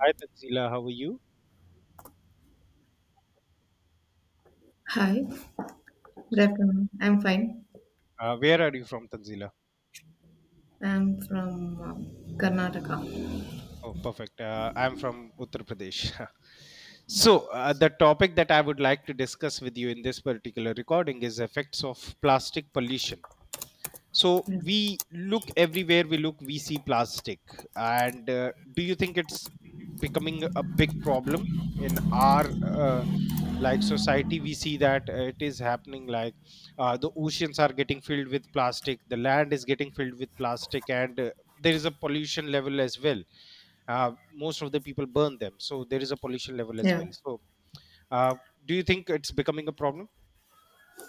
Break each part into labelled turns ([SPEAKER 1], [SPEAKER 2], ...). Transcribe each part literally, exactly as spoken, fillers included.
[SPEAKER 1] Hi, Tanzila. How are you?
[SPEAKER 2] Hi, good
[SPEAKER 1] So,
[SPEAKER 2] afternoon. I'm fine.
[SPEAKER 1] uh, where are you from, Tanzila?
[SPEAKER 2] I'm from um, Karnataka.
[SPEAKER 1] Oh, perfect. Uh, I'm from Uttar Pradesh.
[SPEAKER 2] Okay.
[SPEAKER 1] so, uh, the topic that I would like to discuss with you in this particular recording is effects of plastic pollution. So
[SPEAKER 2] Yeah.
[SPEAKER 1] we look, everywhere we look, we see plastic, and uh, do you think it's becoming a big problem in our uh, like society? We see that uh, it is happening, like uh, the oceans are getting filled with plastic, the land is getting filled with plastic, and uh, there is a pollution level as well. Uh, most of the people burn them, so there is a pollution level as
[SPEAKER 2] Yeah.
[SPEAKER 1] well. So uh, do you think it's becoming a problem?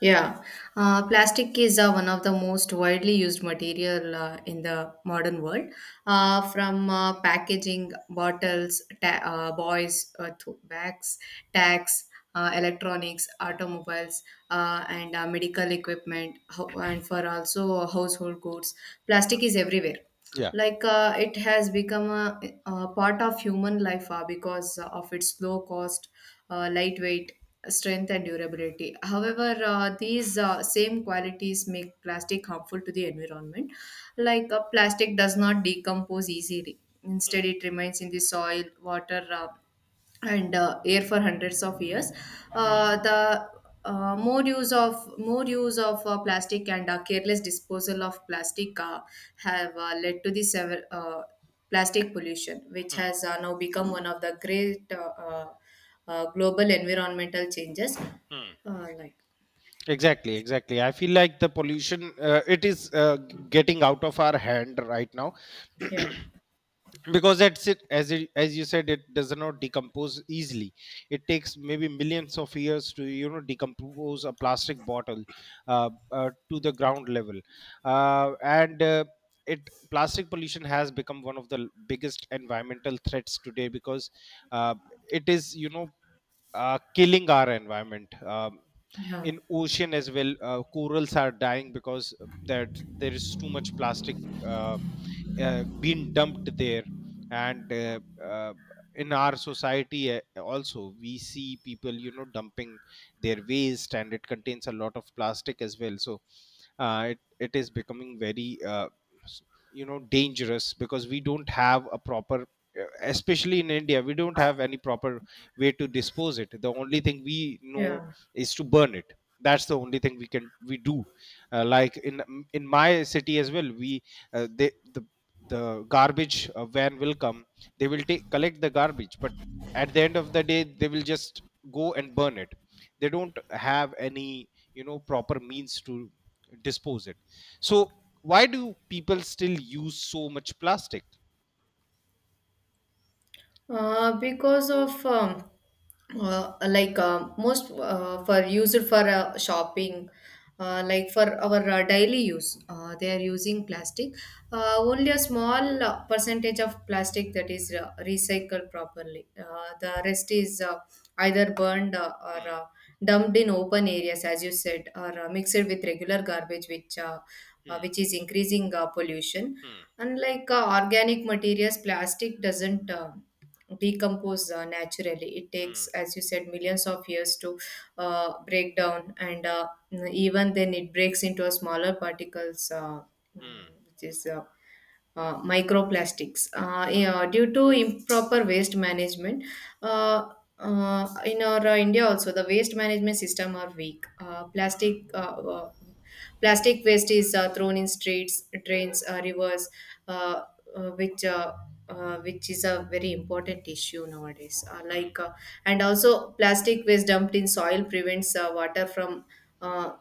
[SPEAKER 2] Yeah. Uh, plastic is uh, one of the most widely used material uh, in the modern world.
[SPEAKER 1] Hmm.
[SPEAKER 2] Uh, from uh, packaging, bottles, ta- uh, boys, uh, to- bags, tags, uh, electronics, automobiles, uh, and uh, medical equipment, ho- and for also household goods. Plastic is everywhere,
[SPEAKER 1] Yeah.
[SPEAKER 2] like uh, it has become a, a part of human life uh, because of its low cost, uh, lightweight, strength and durability. However, uh, these uh, same qualities make plastic harmful to the environment. Like uh, plastic does not decompose easily, instead it remains in the soil, water, uh, and uh, air for hundreds of years. Uh, the uh, more use of more use of uh, plastic and uh, careless disposal of plastic uh, have uh, led to the sever, uh, plastic pollution, which
[SPEAKER 1] Hmm.
[SPEAKER 2] has uh, now become one of the great uh, uh, uh, global environmental changes. Uh, like
[SPEAKER 1] Exactly, exactly. I feel like the pollution, uh, it is uh, getting out of our hand right now,
[SPEAKER 2] Yeah.
[SPEAKER 1] because that's it. as it, as you said, it does not decompose easily. It takes maybe millions of years to, you know, decompose a plastic bottle uh, uh, to the ground level. Uh, and uh, it plastic pollution has become one of the l- biggest environmental threats today, because uh, it is, you know, uh, killing our environment. Um,
[SPEAKER 2] Yeah.
[SPEAKER 1] in ocean as well, uh, corals are dying because that there is too much plastic uh, uh, being dumped there, and uh, uh, in our society, uh, also we see people, you know, dumping their waste, and it contains a lot of plastic as well. So uh, it it is becoming very, uh, s- you know, dangerous, because we don't have a proper, uh, especially in India, we don't have any proper way to dispose it. The only thing we know
[SPEAKER 2] Yeah.
[SPEAKER 1] is to burn it. That's the only thing we can we do. Uh, like in in my city as well, we, uh, they, the the garbage uh, van will come, they will take collect the garbage, but at the end of the day they will just go and burn it. They don't have any, you know, proper means to dispose it. So why do people still use so much plastic?
[SPEAKER 2] Uh, because of um, uh, like uh, most uh, for used for uh, shopping, uh, like for our uh, daily use, uh, they are using plastic. Uh, only a small uh, percentage of plastic that is uh, recycled properly, uh, the rest is uh, either burned, uh, or
[SPEAKER 1] Hmm,
[SPEAKER 2] uh, dumped in open areas, as you said, or uh, mixed with regular garbage, which uh, uh,
[SPEAKER 1] hmm,
[SPEAKER 2] which is increasing uh, pollution,
[SPEAKER 1] hmm,
[SPEAKER 2] unlike uh, organic materials. Plastic doesn't uh, decompose uh, naturally. It takes,
[SPEAKER 1] hmm,
[SPEAKER 2] as you said, millions of years to uh, break down, and uh, even then it breaks into a smaller particles, uh, mm,
[SPEAKER 1] hmm,
[SPEAKER 2] which is uh, uh, microplastics. uh, yeah, Due to improper waste management, uh, uh, in our uh, india also, the waste management system are weak. Uh,
[SPEAKER 1] hmm,
[SPEAKER 2] plastic uh, uh, plastic waste is uh, thrown in streets, drains, uh, rivers, uh, uh, which uh, uh, which is a very important issue nowadays. Uh, like uh,
[SPEAKER 1] hmm,
[SPEAKER 2] and also plastic waste dumped in soil prevents uh, water from uh,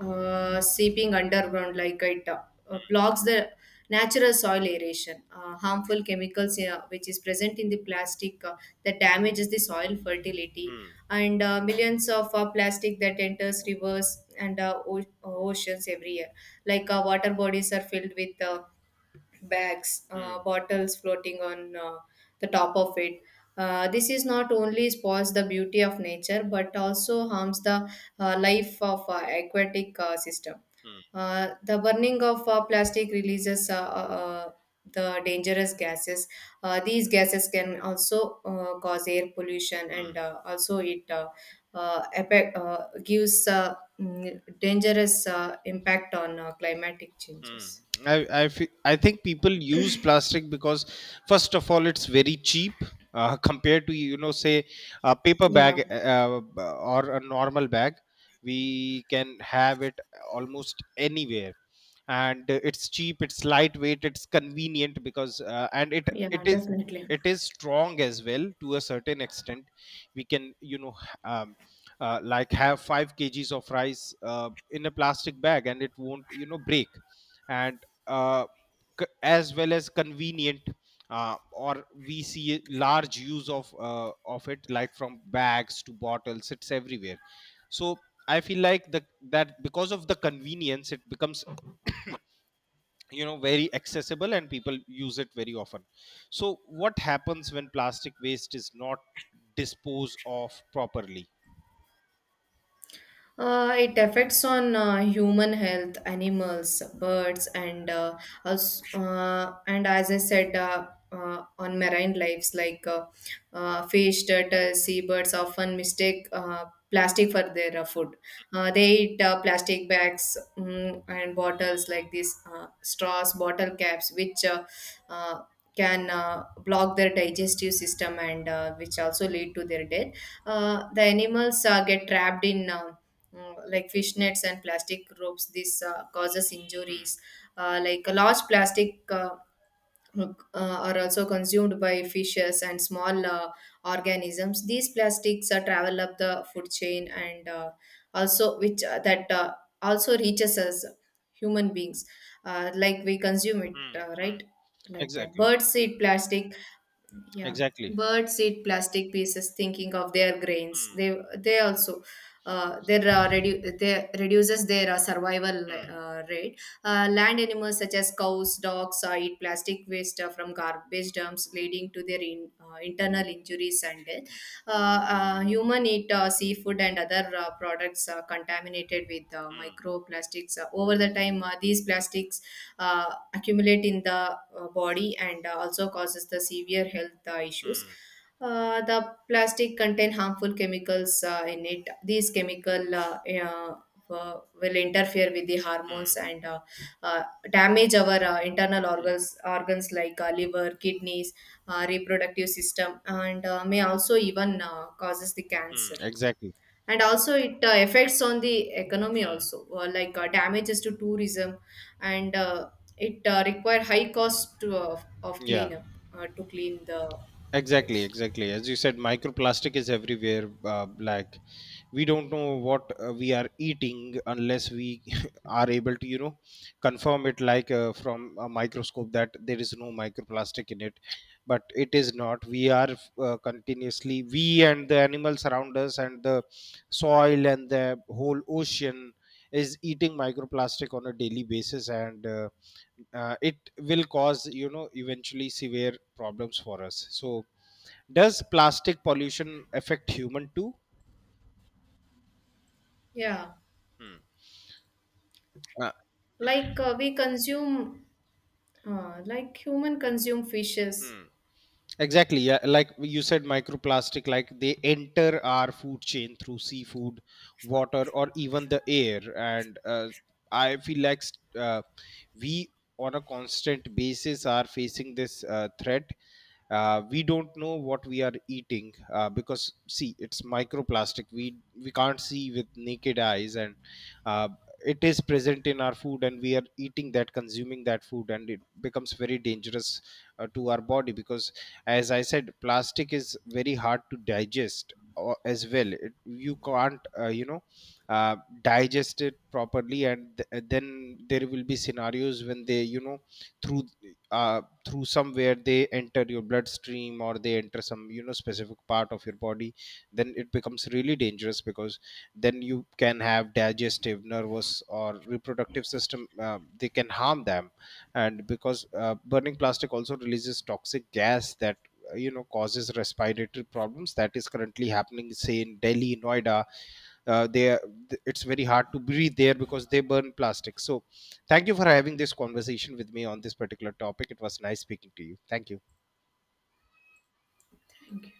[SPEAKER 2] uh, seeping underground, like it uh, blocks the natural soil aeration. Uh, harmful chemicals, uh, which is present in the plastic, uh, that damages the soil fertility,
[SPEAKER 1] hmm.
[SPEAKER 2] and uh, millions of uh, plastic that enters rivers and uh, o- oceans every year. Like uh, water bodies are filled with uh, bags, uh,
[SPEAKER 1] Hmm.
[SPEAKER 2] bottles floating on uh, the top of it. Uh, this is not only spoils the beauty of nature, but also harms the uh, life of uh, aquatic uh, system.
[SPEAKER 1] Hmm.
[SPEAKER 2] Uh, the burning of uh, plastic releases uh, uh, uh, the dangerous gases. Uh, these gases can also uh, cause air pollution, and
[SPEAKER 1] Hmm.
[SPEAKER 2] uh, also it uh, uh, effect, uh, gives uh, mm, dangerous uh, impact on uh, climatic
[SPEAKER 1] Hmm.
[SPEAKER 2] changes.
[SPEAKER 1] I, I, fe- I think people use plastic because first of all it's very cheap, uh, compared to, you know, say, a paper
[SPEAKER 2] Yeah.
[SPEAKER 1] bag, uh, uh, or a normal bag. We can have it almost anywhere, and uh, it's cheap, it's lightweight, it's convenient, because uh, and it
[SPEAKER 2] Yeah,
[SPEAKER 1] it is
[SPEAKER 2] definitely.
[SPEAKER 1] it is strong as well to a certain extent. We can, you know, h- um, uh, like have five kgs of rice uh, in a plastic bag, and it won't, you know, break. And uh, c- as well as convenient. Uh, or we see large use of uh, of it, like from bags to bottles, it's everywhere. So I feel like the that because of the convenience it becomes, you know, very accessible, and people use it very often. So what happens when plastic waste is not disposed of properly?
[SPEAKER 2] Uh, it affects on uh, human health, animals, birds, and uh, also, uh, and as I said, uh, uh, on marine lives, like uh, uh, fish, turtles, seabirds often mistake uh, plastic for their uh, food. Uh, they eat uh, plastic bags, mm, and bottles, like these uh, straws, bottle caps, which uh, uh, can uh, block their digestive system, and uh, which also lead to their death. Uh, the animals uh, get trapped in uh, uh, like fishnets and plastic ropes. This uh, causes injuries. Uh, like a large plastic uh, uh, are also consumed by fishes and small uh, organisms. These plastics uh, travel up the food chain, and uh, also which uh, that uh, also reaches us human beings. Uh, like we consume it,
[SPEAKER 1] Mm,
[SPEAKER 2] uh, right?
[SPEAKER 1] mm.
[SPEAKER 2] Like that
[SPEAKER 1] Exactly,
[SPEAKER 2] birds eat plastic. Yeah,
[SPEAKER 1] exactly.
[SPEAKER 2] birds eat plastic pieces, thinking of their grains.
[SPEAKER 1] Mm,
[SPEAKER 2] They they also uh, their uh, redu- they reduces their uh, survival
[SPEAKER 1] mm,
[SPEAKER 2] uh, rate. Uh, land animals such as cows, dogs uh, eat plastic waste uh, from garbage dumps, leading to their in, uh, internal injuries and death. Uh, uh, Human eat uh, seafood and other uh, products uh, contaminated with uh,
[SPEAKER 1] mm,
[SPEAKER 2] microplastics. Uh, over the time, uh, these plastics uh, accumulate in the uh, body, and uh, also causes the severe health uh, issues.
[SPEAKER 1] mm,
[SPEAKER 2] Uh, the plastic contain harmful chemicals uh, in it. These chemical uh, uh, uh, will interfere with the hormones,
[SPEAKER 1] mm,
[SPEAKER 2] and uh, uh, damage our uh, internal organs, organs like uh, liver, kidneys, uh, reproductive system, and uh, may also even uh, causes the
[SPEAKER 1] mm.
[SPEAKER 2] cancer.
[SPEAKER 1] Exactly.
[SPEAKER 2] And also it uh, affects on the economy also, uh, like uh, damages to tourism, and uh, it uh, require high cost to, of of
[SPEAKER 1] Yeah,
[SPEAKER 2] cleanup uh, to clean the
[SPEAKER 1] exactly,
[SPEAKER 2] waste.
[SPEAKER 1] exactly. As you said, microplastic is everywhere. Uh, like, we don't know what uh, we are eating, unless we are able to, you know, confirm it, like uh, from a microscope, that there is no microplastic in it. But it is not. We are uh, continuously, we and the animals around us and the soil and the whole ocean is eating microplastic on a daily basis, and. Uh, uh, it will cause, you know, eventually, severe problems for us. So does plastic pollution affect human too?
[SPEAKER 2] Yeah,
[SPEAKER 1] Hmm. Uh,
[SPEAKER 2] like uh, we consume uh, like human consume fishes.
[SPEAKER 1] Hmm. Exactly. Yeah. Like you said, microplastic, like, they enter our food chain through seafood, water, or even the air. And uh, I feel like s- uh, we, on a constant basis, are facing this uh, threat. Uh, we don't know what we are eating, uh, because, see, it's microplastic. We we can't see with naked eyes, and uh, it is present in our food, and we are eating that, consuming that food, and it becomes very dangerous uh, to our body. Because, as I said, plastic is very hard to digest, or- as well. It, you can't, uh, you know, uh, digest it properly, and th- uh, then there will be scenarios when they, you know, through uh, through somewhere they enter your bloodstream, or they enter some, you know, specific part of your body. Then it becomes really dangerous, because then you can have digestive, nervous, or reproductive system, uh, they can harm them. And because uh, burning plastic also releases toxic gas that, uh, you know, causes respiratory problems, that is currently happening, say, in Delhi, Noida. Uh, they It's very hard to breathe there because they burn plastic. So thank you for having this conversation with me on this particular topic. It was nice speaking to you. Thank you.
[SPEAKER 2] Thank you.